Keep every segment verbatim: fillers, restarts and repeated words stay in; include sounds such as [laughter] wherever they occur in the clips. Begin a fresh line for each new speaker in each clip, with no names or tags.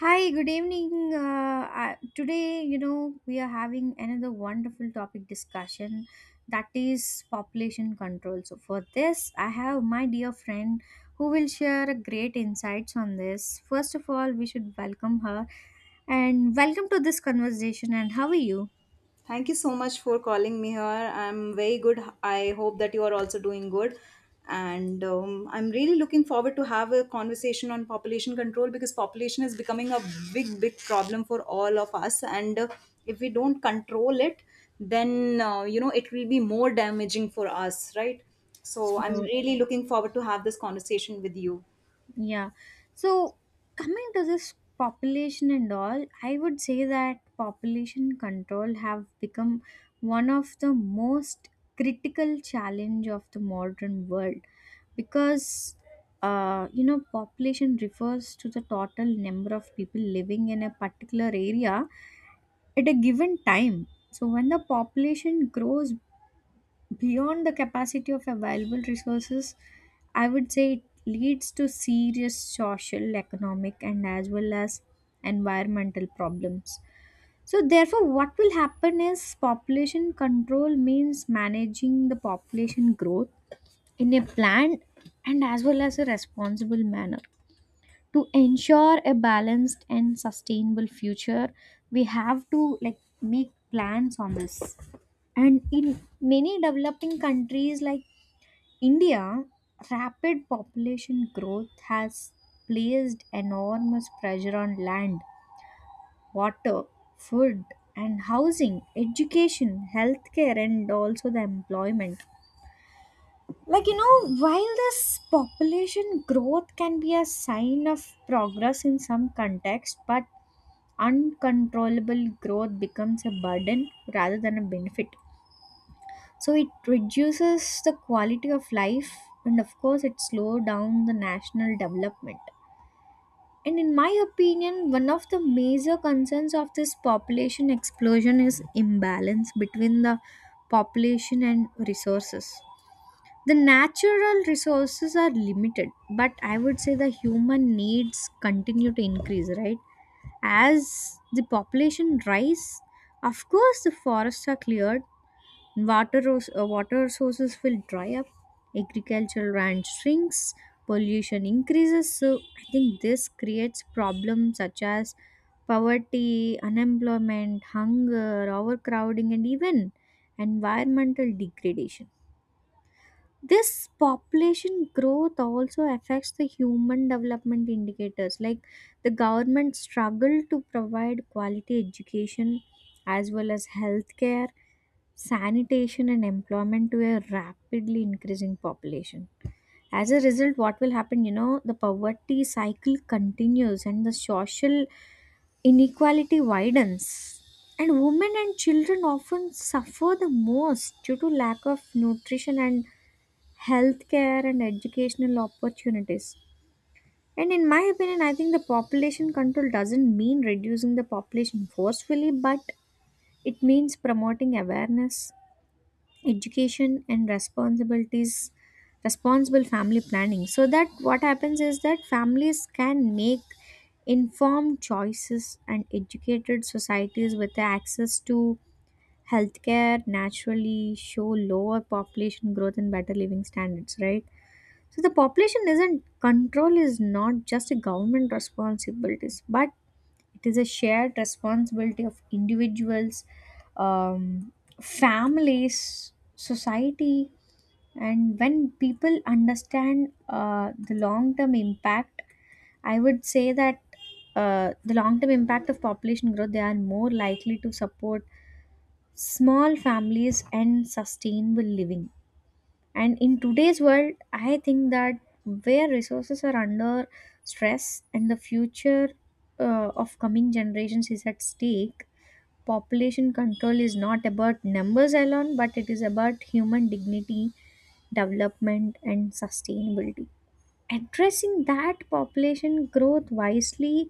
Hi, good evening. Uh, I- today, you know, we are having another wonderful topic discussion, that is population control. So, for this, I have my dear friend who will share a great insights on this. First of all, we should welcome her and welcome to this conversation. And how are you?
Thank you so much for calling me here. I'm very good. I hope that you are also doing good. And um, I'm really looking forward to have a conversation on population control because population is becoming a big, big problem for all of us. And uh, If we don't control it, then uh, you know it will be more damaging for us, right? So I'm
So,
really looking forward to have this conversation with you.
Yeah. So, coming to this population and all, I would say that population control have become one of the most critical challenge of the modern world, because uh, you know, population refers to the total number of people living in a particular area at a given time. So when the population grows beyond the capacity of available resources, I would say it leads to serious social, economic, and as well as environmental problems. So, therefore, what will happen is, population control means managing the population growth in a planned and as well as a responsible manner. To ensure a balanced and sustainable future, we have to like make plans on this. And in many developing countries like India, rapid population growth has placed enormous pressure on land, water, food and housing, education, healthcare and also the employment. Like you know, while this population growth can be a sign of progress in some context, but uncontrollable growth becomes a burden rather than a benefit. So it reduces the quality of life, and of course it slows down the national development. And in my opinion, one of the major concerns of this population explosion is imbalance between the population and resources. The natural resources are limited, but I would say the human needs continue to increase, right? As the population rise, of course the forests are cleared, Water, ros- uh, water sources will dry up, agricultural land shrinks, pollution increases. So I think this creates problems such as poverty, unemployment, hunger, overcrowding, and even environmental degradation. This population growth also affects the human development indicators. Like, the government struggle to provide quality education as well as healthcare, sanitation, and employment to a rapidly increasing population. As a result, what will happen? You know, the poverty cycle continues and the social inequality widens. And women and children often suffer the most due to lack of nutrition and healthcare and educational opportunities. And in my opinion, I think the population control doesn't mean reducing the population forcefully, but it means promoting awareness, education, and responsibilities, responsible family planning. So that what happens is that families can make informed choices, and educated societies with access to healthcare naturally show lower population growth and better living standards, right? So the population isn't control is not just a government responsibilities, but it is a shared responsibility of individuals, um, families, society, and when people understand uh, the long-term impact, I would say that uh, the long-term impact of population growth, they are more likely to support small families and sustainable living. And in today's world, I think that where resources are under stress and the future uh, of coming generations is at stake, population control is not about numbers alone, but it is about human dignity, development, and sustainability. Addressing that population growth wisely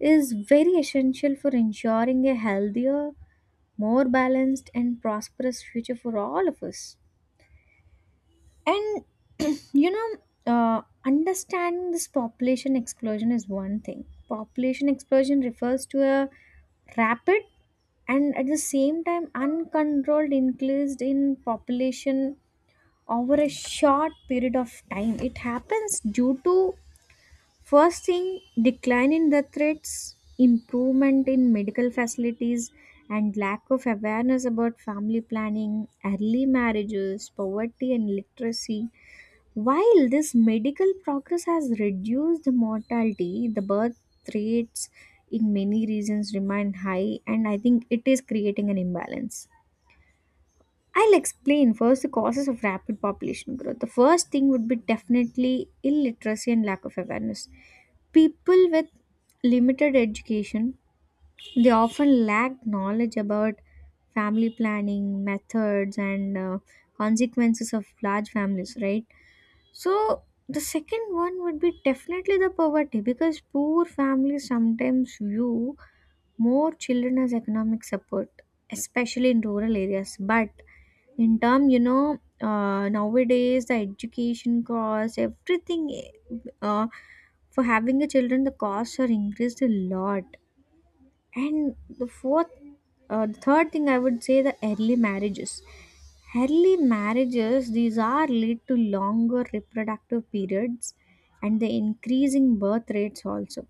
is very essential for ensuring a healthier, more balanced, and prosperous future for all of us. And [clears throat] you know, uh, understanding this population explosion is one thing. Population explosion refers to a rapid and at the same time uncontrolled increase in population over a short period of time. It happens due to, first thing, decline in death rates, improvement in medical facilities, and lack of awareness about family planning, early marriages, poverty and literacy. While this medical progress has reduced the mortality, the birth rates in many regions remain high, and I think it is creating an imbalance. I'll explain first the causes of rapid population growth. The first thing would be definitely illiteracy and lack of awareness. People with limited education, they often lack knowledge about family planning methods and uh, consequences of large families, right? So, the second one would be definitely the poverty, because poor families sometimes view more children as economic support, especially in rural areas. But in term, you know, uh, nowadays the education costs, everything, uh, for having a children, the costs are increased a lot. And the fourth uh, the third thing, I would say, the early marriages. Early marriages, these are lead to longer reproductive periods and the increasing birth rates also.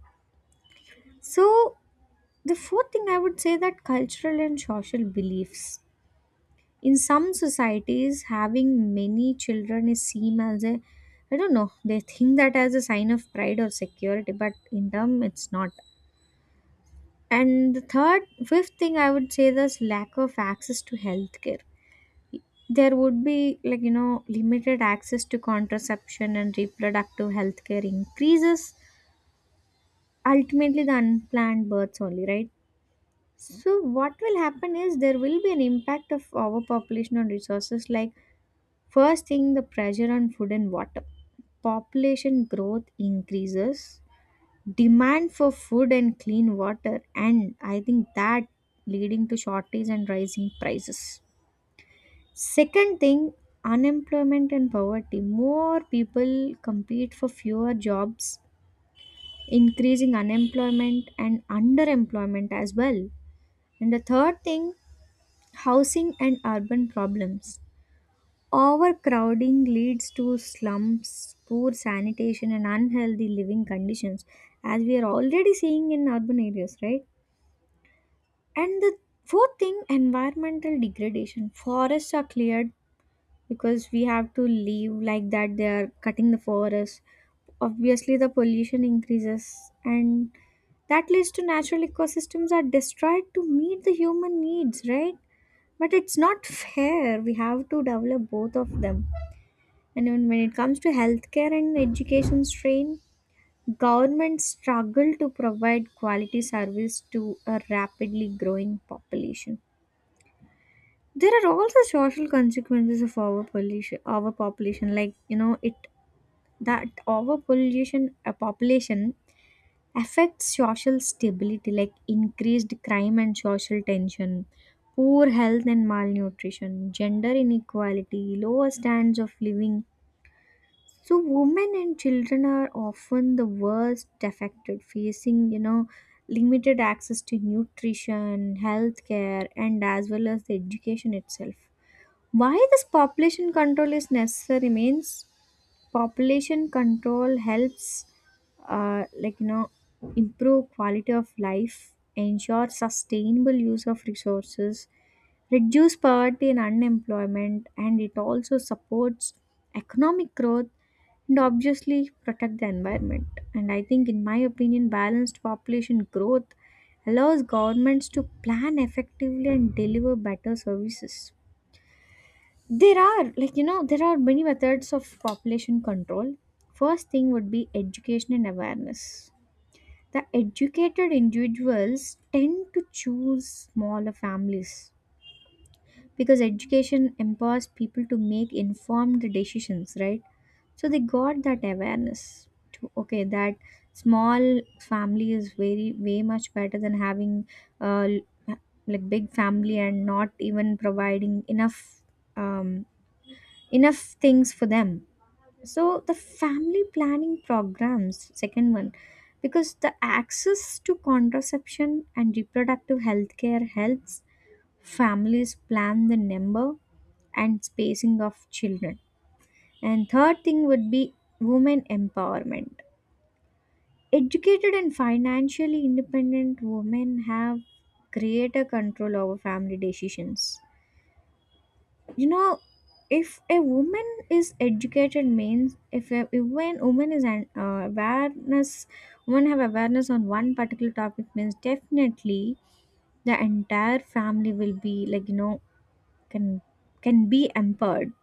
So the fourth thing, I would say, that cultural and social beliefs. In some societies having many children is seen as a, I don't know, they think that as a sign of pride or security, but in term it's not. And the third, fifth thing I would say is lack of access to healthcare. There would be like you know limited access to contraception and reproductive healthcare increases ultimately the unplanned births only, right? So what will happen is, there will be an impact of overpopulation on resources. Like first thing, the pressure on food and water. Population growth increases demand for food and clean water, and I think that leading to shortage and rising prices. Second thing, unemployment and poverty. More people compete for fewer jobs, increasing unemployment and underemployment as well. And the third thing, housing and urban problems. Overcrowding leads to slums, poor sanitation and unhealthy living conditions, as we are already seeing in urban areas, right? And the fourth thing, environmental degradation. Forests are cleared because we have to leave like that. They are cutting the forest. Obviously, the pollution increases, and that leads to natural ecosystems are destroyed to meet the human needs, right? But it's not fair. We have to develop both of them. And even when it comes to healthcare and education strain, governments struggle to provide quality service to a rapidly growing population. There are also social consequences of overpollution. Overpopulation, like you know, it that overpollution, a population affects social stability, like increased crime and social tension, poor health and malnutrition, gender inequality, lower standards of living. So women and children are often the worst affected, facing you know limited access to nutrition, healthcare, and as well as the education itself. Why this population control is necessary means, population control helps uh, like you know improve quality of life, ensure sustainable use of resources, reduce poverty and unemployment, and it also supports economic growth and obviously protect the environment. And I think in my opinion, balanced population growth allows governments to plan effectively and deliver better services. There are, like, you know, there are many methods of population control. First thing would be education and awareness. The educated individuals tend to choose smaller families, because education empowers people to make informed decisions, right? So they got that awareness to, okay, that small family is very, way much better than having uh, like big family and not even providing enough, um, enough things for them. So the family planning programs, second one, because the access to contraception and reproductive health care helps families plan the number and spacing of children. And third thing would be women empowerment. Educated and financially independent women have greater control over family decisions. You know, if a woman is educated means, if a if when woman is an uh, awareness, women have awareness on one particular topic means definitely the entire family will be like you know can can be empowered.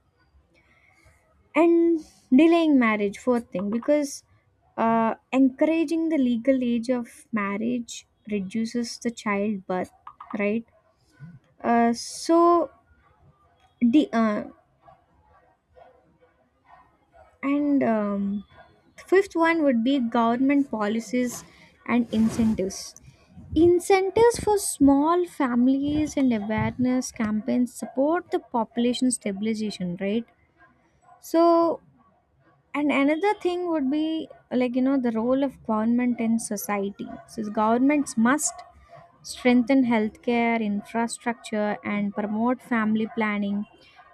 And delaying marriage, fourth thing, because uh, encouraging the legal age of marriage reduces the childbirth, right? uh, so the uh, And um, Fifth one would be government policies and incentives. Incentives for small families and awareness campaigns support the population stabilization, right? So, and another thing would be like, you know, the role of government in society. So, governments must strengthen healthcare infrastructure and promote family planning,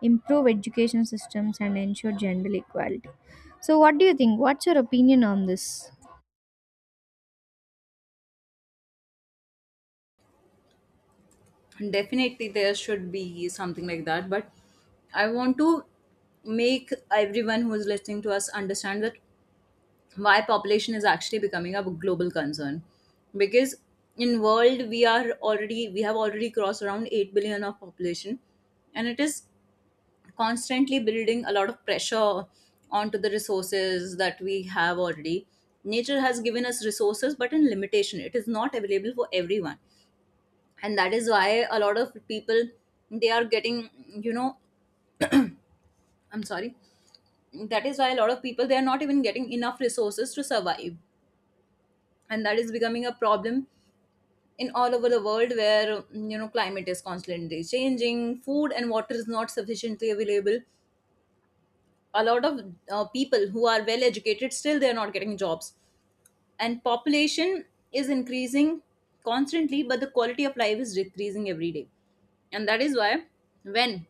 improve education systems and ensure gender equality. So what do you think, what's your opinion on this?
Definitely there should be something like that, but I want to make everyone who is listening to us understand that why population is actually becoming a global concern because in world we are already we have already crossed around eight billion of population, and it is constantly building a lot of pressure onto the resources that we have already. Nature has given us resources, but in limitation it is not available for everyone. And that is why a lot of people they are getting you know I'm sorry that is why a lot of people they are not even getting enough resources to survive, and that is becoming a problem in all over the world, where you know climate is constantly changing, food and water is not sufficiently available, a lot of uh, people who are well educated still they are not getting jobs, and population is increasing constantly, but the quality of life is decreasing every day. And that is why when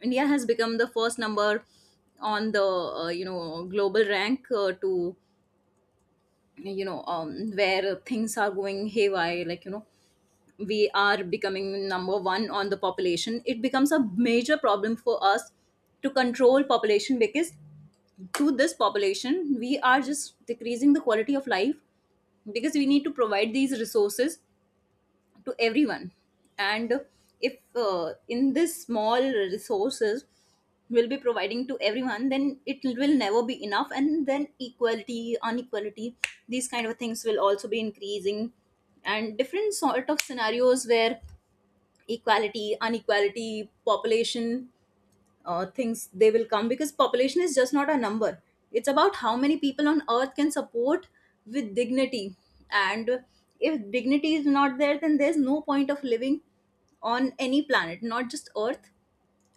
India has become the first number on the uh, you know global rank uh, to you know um, where things are going haywire, like you know we are becoming number one on the population, it becomes a major problem for us to control population, because to this population we are just decreasing the quality of life, because we need to provide these resources to everyone. And if uh, in this small resources will be providing to everyone, then it will never be enough, and then equality inequality these kind of things will also be increasing, and different sort of scenarios where equality inequality population uh, things they will come, because population is just not a number, it's about how many people on earth can support with dignity. And if dignity is not there, then there's no point of living on any planet, not just earth.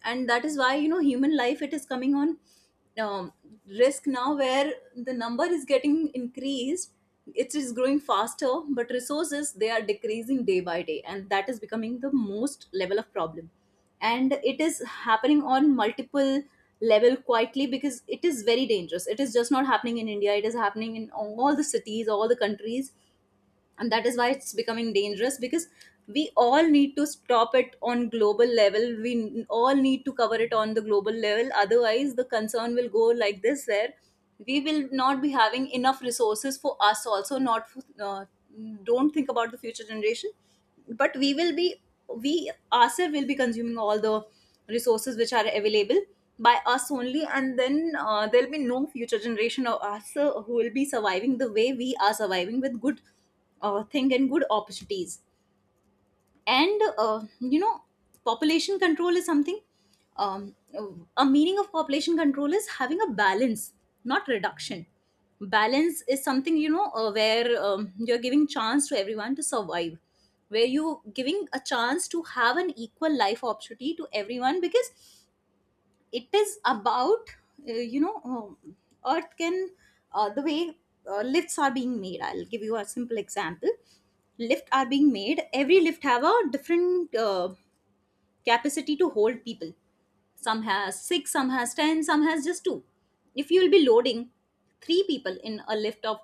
And that is why you know human life it is coming on um, risk now, where the number is getting increased, it is growing faster, but resources they are decreasing day by day, and that is becoming the most level of problem. And it is happening on multiple level quietly because it is very dangerous. It is just not happening in India, it is happening in all the cities, all the countries, and that is why it's becoming dangerous, because we all need to stop it on global level, we n- all need to cover it on the global level, otherwise the concern will go like this, where we will not be having enough resources for us also, not for, uh, don't think about the future generation, but we will be, we ourselves will be consuming all the resources which are available by us only, and then uh, there'll be no future generation of us uh, who will be surviving the way we are surviving with good uh, thing and good opportunities. And uh, You know, population control is something. Um, a meaning of population control is having a balance, not reduction. Balance is something, you know, uh, where um, you're giving chance to everyone to survive, where you giving a chance to have an equal life opportunity to everyone, because it is about uh, you know um, earth can, uh, the way uh, lifts are being made. I'll give you a simple example. Lift are being made, every lift have a different uh, capacity to hold people. Some has six, some has ten, some has just two. If you will be loading three people in a lift of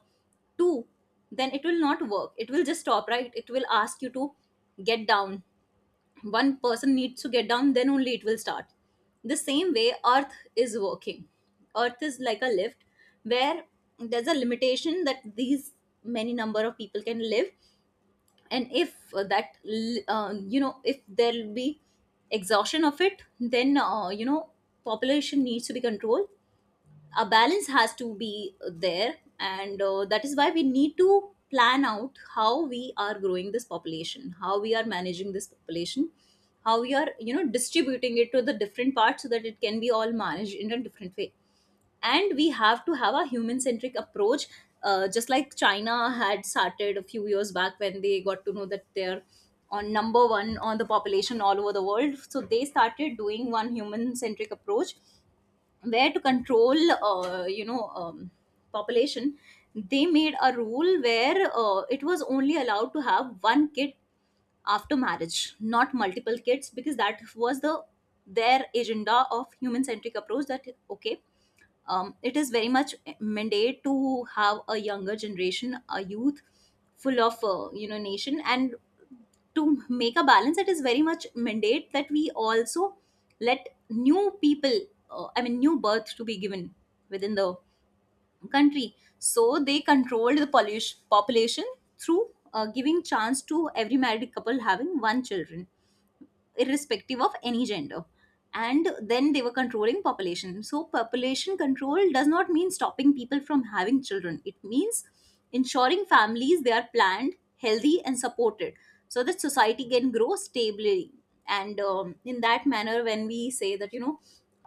two, then it will not work, it will just stop, right? It will ask you to get down, one person needs to get down, then only it will start. The same way earth is working. Earth is like a lift, where there's a limitation that these many number of people can live. And if that l- uh, you know if there'll be exhaustion of it, then uh, you know population needs to be controlled, a balance has to be there. And uh, That is why we need to plan out how we are growing this population, how we are managing this population, how we are you know distributing it to the different parts, so that it can be all managed in a different way. And we have to have a human centric approach, uh, just like China had started a few years back when they got to know that they're on number one on the population all over the world. So they started doing one human centric approach, where to control uh, you know um, population, they made a rule where uh, it was only allowed to have one kid after marriage, not multiple kids, because that was the their agenda of human centric approach, that okay, um, it is very much mandate to have a younger generation, a youth full of uh, you know nation. And to make a balance, it is very much mandate that we also let new people, uh, i mean new birth to be given within the country. So they controlled the pollution population through uh, giving chance to every married couple having one children, irrespective of any gender. And then they were controlling population. So population control does not mean stopping people from having children, it means ensuring families they are planned, healthy and supported, so that society can grow stably. And um, In that manner, when we say that, you know,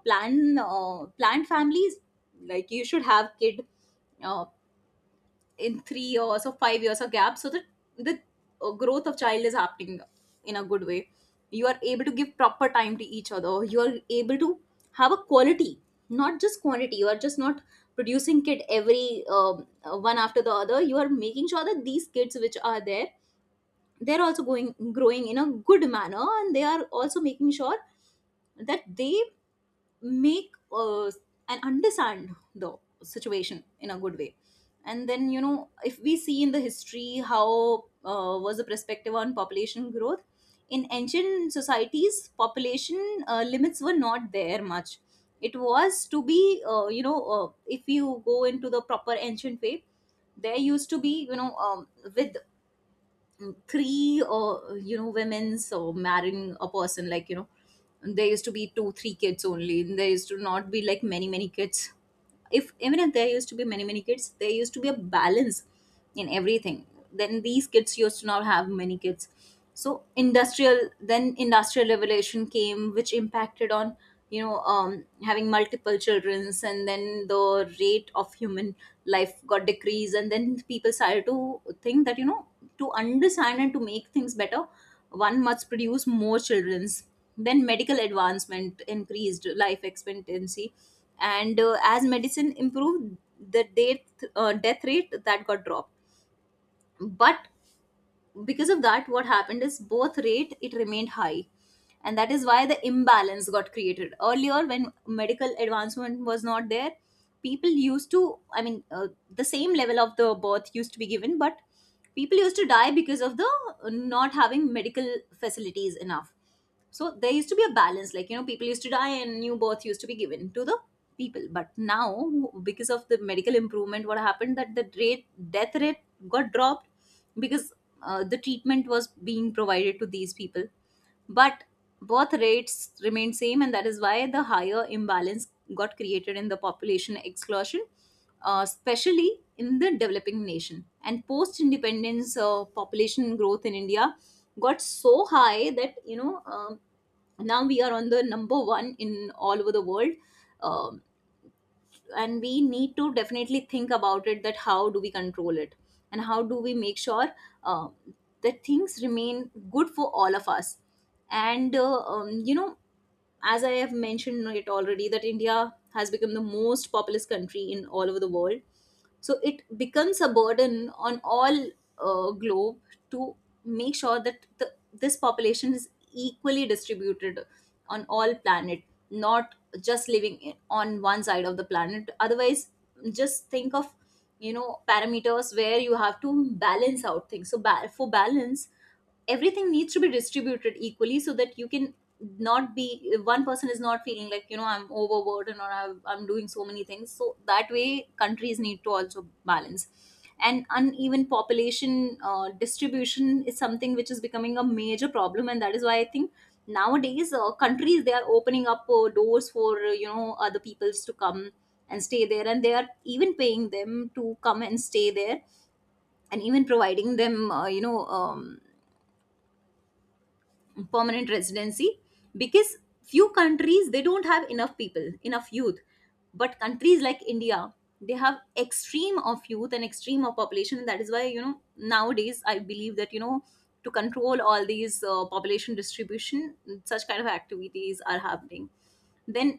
plan uh, planned families, like you should have kid uh, in three years or five years of gap, so that the uh, growth of child is happening in a good way, you are able to give proper time to each other, you are able to have a quality, not just quantity, you are just not producing kid every um, uh, one after the other, you are making sure that these kids which are there, they're also going growing in a good manner, and they are also making sure that they make uh, and understand the situation in a good way. And then you know, if we see in the history how uh, was the perspective on population growth, in ancient societies population uh, limits were not there much, it was to be uh, you know uh, if you go into the proper ancient way, there used to be, you know, um, with three or you know women's or marrying a person, like you know there used to be two three kids only, and there used to not be like many many kids. If even if there used to be many many kids, there used to be a balance in everything. Then these kids used to not have many kids. So industrial then industrial revolution came, which impacted on you know um, having multiple childrens, and then the rate of human life got decreased. And then people started to think that you know, to understand and to make things better, one must produce more children's. Then medical advancement increased life expectancy, and uh, as medicine improved, the death, uh, death rate that got dropped. But because of that, what happened is both rate it remained high, and that is why the imbalance got created. Earlier when medical advancement was not there, people used to, i mean uh, the same level of the birth used to be given, but people used to die because of the uh, not having medical facilities enough. So there used to be a balance, like you know people used to die and new birth used to be given to the people. But now because of the medical improvement, what happened that the rate death rate got dropped, because uh, the treatment was being provided to these people. But birth rates remained same, and that is why the higher imbalance got created in the population exclusion, uh, especially in the developing nation. And post independence uh, population growth in India got so high that you know um now we are on the number one in all over the world. um and we need to definitely think about it, that how do we control it and how do we make sure uh, that things remain good for all of us. And uh, um, You know, as I have mentioned it already, that India has become the most populous country in all over the world. So it becomes a burden on all uh, globe, to make sure that the, this population is equally distributed on all planet, not just living in- on one side of the planet. Otherwise just think of You know, parameters where you have to balance out things. So ba- for balance everything needs to be distributed equally so that you can not be one person is not feeling like, you know, I'm overburdened or I've, i'm doing so many things. So that way countries need to also balance. And uneven population uh, distribution is something which is becoming a major problem, and that is why I think nowadays uh, countries, they are opening up uh, doors for, uh, you know, other peoples to come and stay there, and they are even paying them to come and stay there, and even providing them, uh, you know, um, permanent residency, because few countries they don't have enough people, enough youth. But countries like India, they have extreme of youth and extreme of population. That is why, you know, nowadays I believe that, you know, to control all these uh, population distribution, such kind of activities are happening. Then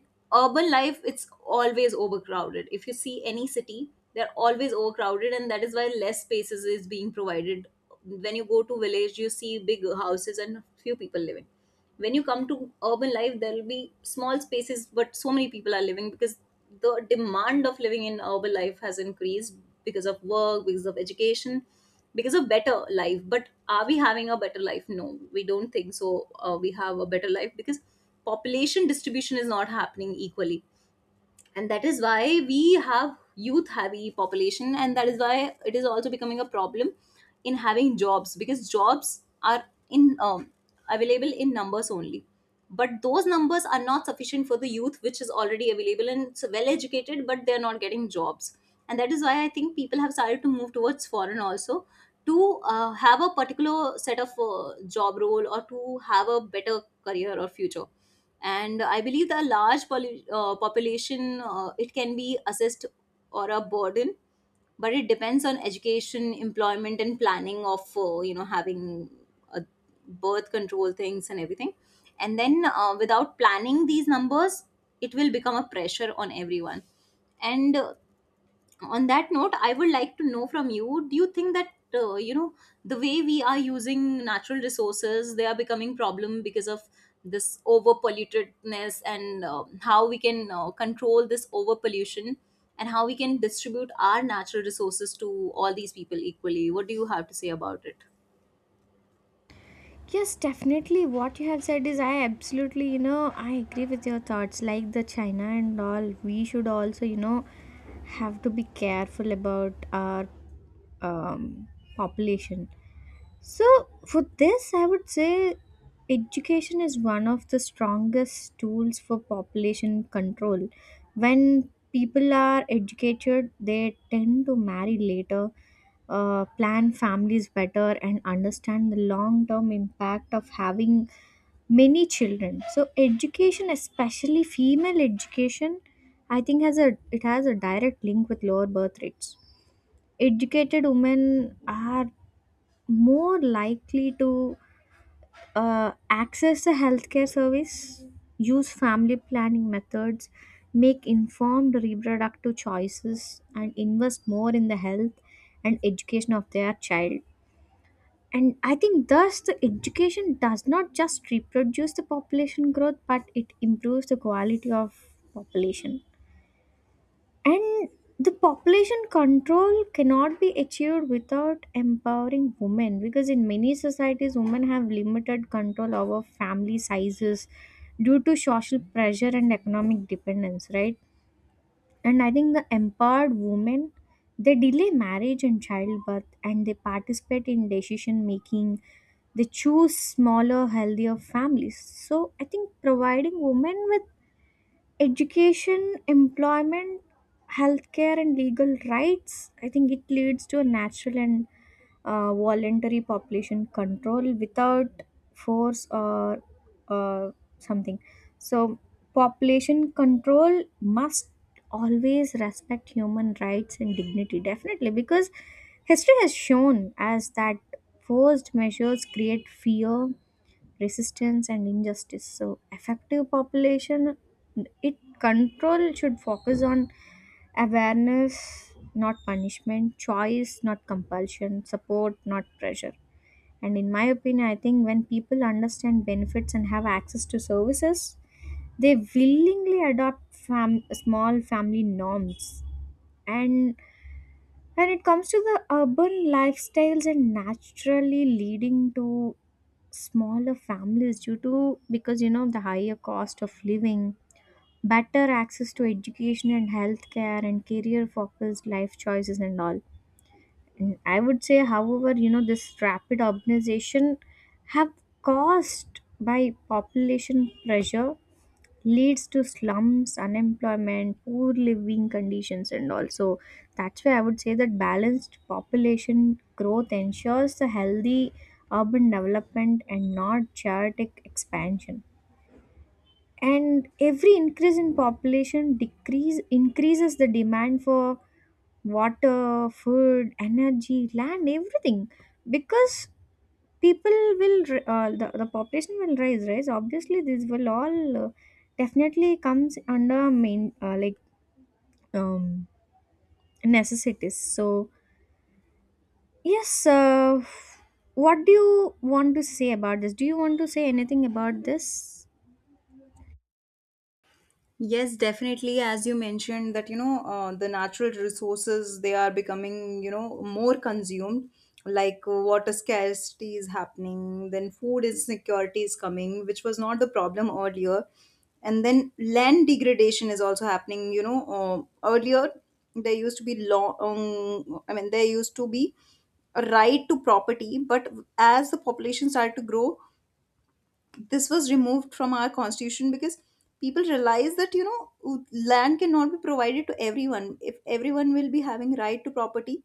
urban life, it's always overcrowded. If you see any city, they're always overcrowded, and that is why less spaces is being provided. When you go to village, you see big houses and few people living. When you come to urban life, there will be small spaces but so many people are living, because the demand of living in urban life has increased because of work, because of education, because of better life. But are we having a better life? No, we don't think so. Uh, we have a better life because population distribution is not happening equally, and that is why we have youth heavy population, and that is why it is also becoming a problem in having jobs, because jobs are in, um, available in numbers only. But those numbers are not sufficient for the youth which is already available and it's well educated, but they're not getting jobs. And that is why I think people have started to move towards foreign also, to uh, have a particular set of uh, job role, or to have a better career or future. And I believe the large polu- uh, population uh, it can be assessed or a burden, but it depends on education, employment, and planning of, uh, you know, having uh, birth control things and everything. And then, uh, without planning these numbers, it will become a pressure on everyone. And uh, on that note, I would like to know from you, do you think that, uh, you know, the way we are using natural resources, they are becoming problem because of this over pollutedness? And uh, how we can uh, control this over pollution, and how we can distribute our natural resources to all these people equally? What do you have to say about it?
Yes, definitely. What you have said is, I absolutely, you know, I agree with your thoughts. Like the China and all, we should also, you know, have to be careful about our um, population. So, for this, I would say education is one of the strongest tools for population control. When people are educated, they tend to marry later, uh, plan families better, and understand the long term impact of having many children. So, education, especially female education, I think has a, it has a direct link with lower birth rates. Educated women are more likely to uh, access the healthcare service, use family planning methods, make informed reproductive choices, and invest more in the health and education of their child. And I think thus the education does not just reproduce the population growth, but it improves the quality of population. And the population control cannot be achieved without empowering women, because in many societies women have limited control over family sizes due to social pressure and economic dependence, right? And I think the empowered women, they delay marriage and childbirth, and they participate in decision making. They choose smaller healthier families. So I think providing women with education, employment, healthcare, and legal rights, I think it leads to a natural and uh, voluntary population control without force or uh, something. So, population control must always respect human rights and dignity, definitely, because history has shown as that forced measures create fear, resistance and injustice. So effective population it control should focus on awareness not punishment, choice not compulsion, support not pressure. And in my opinion, I think when people understand benefits and have access to services, they willingly adopt fam- small family norms. And when it comes to the urban lifestyles and naturally leading to smaller families due to, because you know, the higher cost of living, better access to education and healthcare and career focused life choices and all. And I would say, however, you know, this rapid urbanization have caused by population pressure leads to slums, unemployment, poor living conditions, and also that's why I would say that balanced population growth ensures a healthy urban development and not chaotic expansion. And every increase in population decrease increases the demand for water, food, energy, land, everything, because people will r- uh, the, the population will rise rise obviously this will all uh, definitely comes under main uh, like um, necessities. So yes, uh, what do you want to say about this, do you want to say anything about this?
Yes, definitely. As you mentioned, that you know, uh, the natural resources, they are becoming, you know, more consumed. Like, uh, water scarcity is happening, then food insecurity is coming, which was not the problem earlier. And then land degradation is also happening. You know, uh, earlier there used to be long. Um, I mean, there used to be a right to property, but as the population started to grow, this was removed from our constitution because people realize that, you know, land cannot be provided to everyone. If everyone will be having right to property,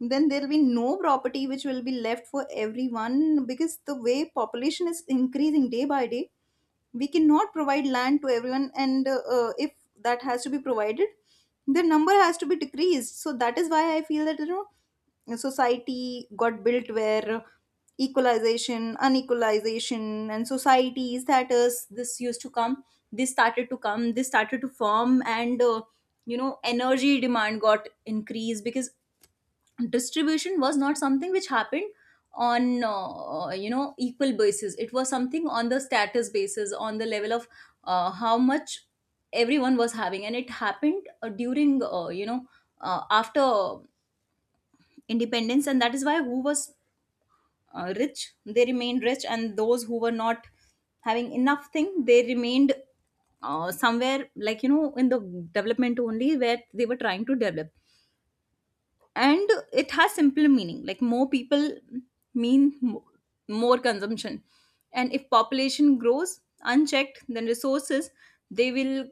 then there will be no property which will be left for everyone, because the way population is increasing day by day, we cannot provide land to everyone. And uh, uh, if that has to be provided, the number has to be decreased. So that is why I feel that, you know, society got built where equalization, unequalization and societies, that is this used to come this started to come, this started to form. And uh, you know, energy demand got increased because distribution was not something which happened on uh, uh, you know, equal basis. It was something on the status basis, on the level of uh, how much everyone was having. And it happened uh, during, uh, you know, uh, after independence. And that is why, who was uh, rich, they remained rich, and those who were not having enough thing, they remained uh, somewhere, like, you know, in the development only, where they were trying to develop. And it has simple meaning, like more people mean mo- more consumption. And if population grows unchecked, then resources, they will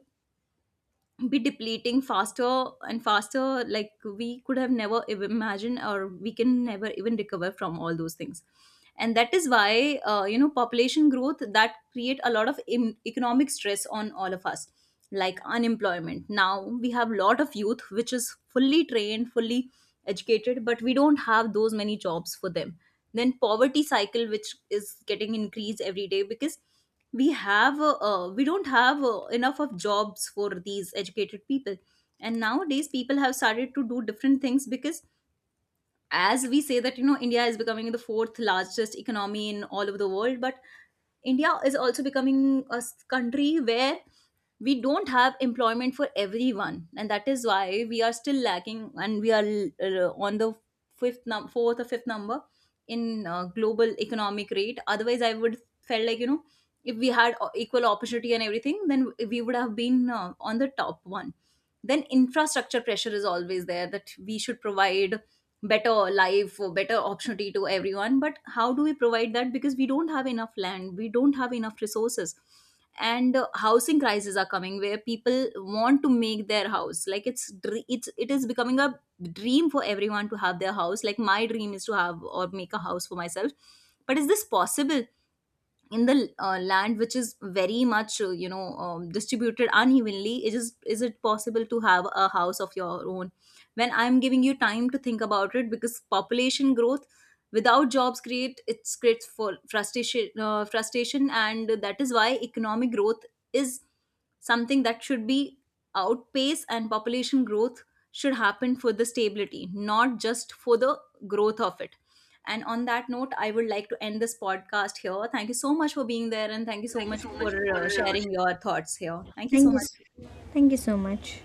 be depleting faster and faster, like we could have never ev- imagined, or we can never even recover from all those things. And that is why, uh, you know, population growth that create a lot of em- economic stress on all of us. Like unemployment, now we have lot of youth which is fully trained, fully educated, but we don't have those many jobs for them. Then poverty cycle, which is getting increased every day, because we have uh, uh, we don't have uh, enough of jobs for these educated people. And nowadays people have started to do different things, because as we say that, you know, India is becoming the fourth largest economy in all over the world, but India is also becoming a s- country where we don't have employment for everyone, and that is why we are still lacking, and we are uh, on the fifth num- fourth or fifth number in uh, global economic rate. Otherwise, I would felt like, you know, if we had o- equal opportunity and everything, then we would have been uh, on the top one. Then infrastructure pressure is always there, that we should provide better life or better opportunity to everyone. But how do we provide that? Because we don't have enough land, we don't have enough resources. And uh, housing crises are coming, where people want to make their house, like it's dr- it's it is becoming a dream for everyone to have their house. Like my dream is to have or make a house for myself. But is this possible? In the uh, land which is very much, uh, you know, um, distributed unevenly, it is is it possible to have a house of your own? When I'm giving you time to think about it. Because population growth without jobs create it creates for frustration uh, frustration. And that is why economic growth is something that should be outpace, and population growth should happen for the stability, not just for the growth of it. And on that note, I would like to end this podcast here. Thank you so much for being there, and thank you so much for uh, sharing your thoughts here. Thank you so
thank you
much.
s- Thank you so much.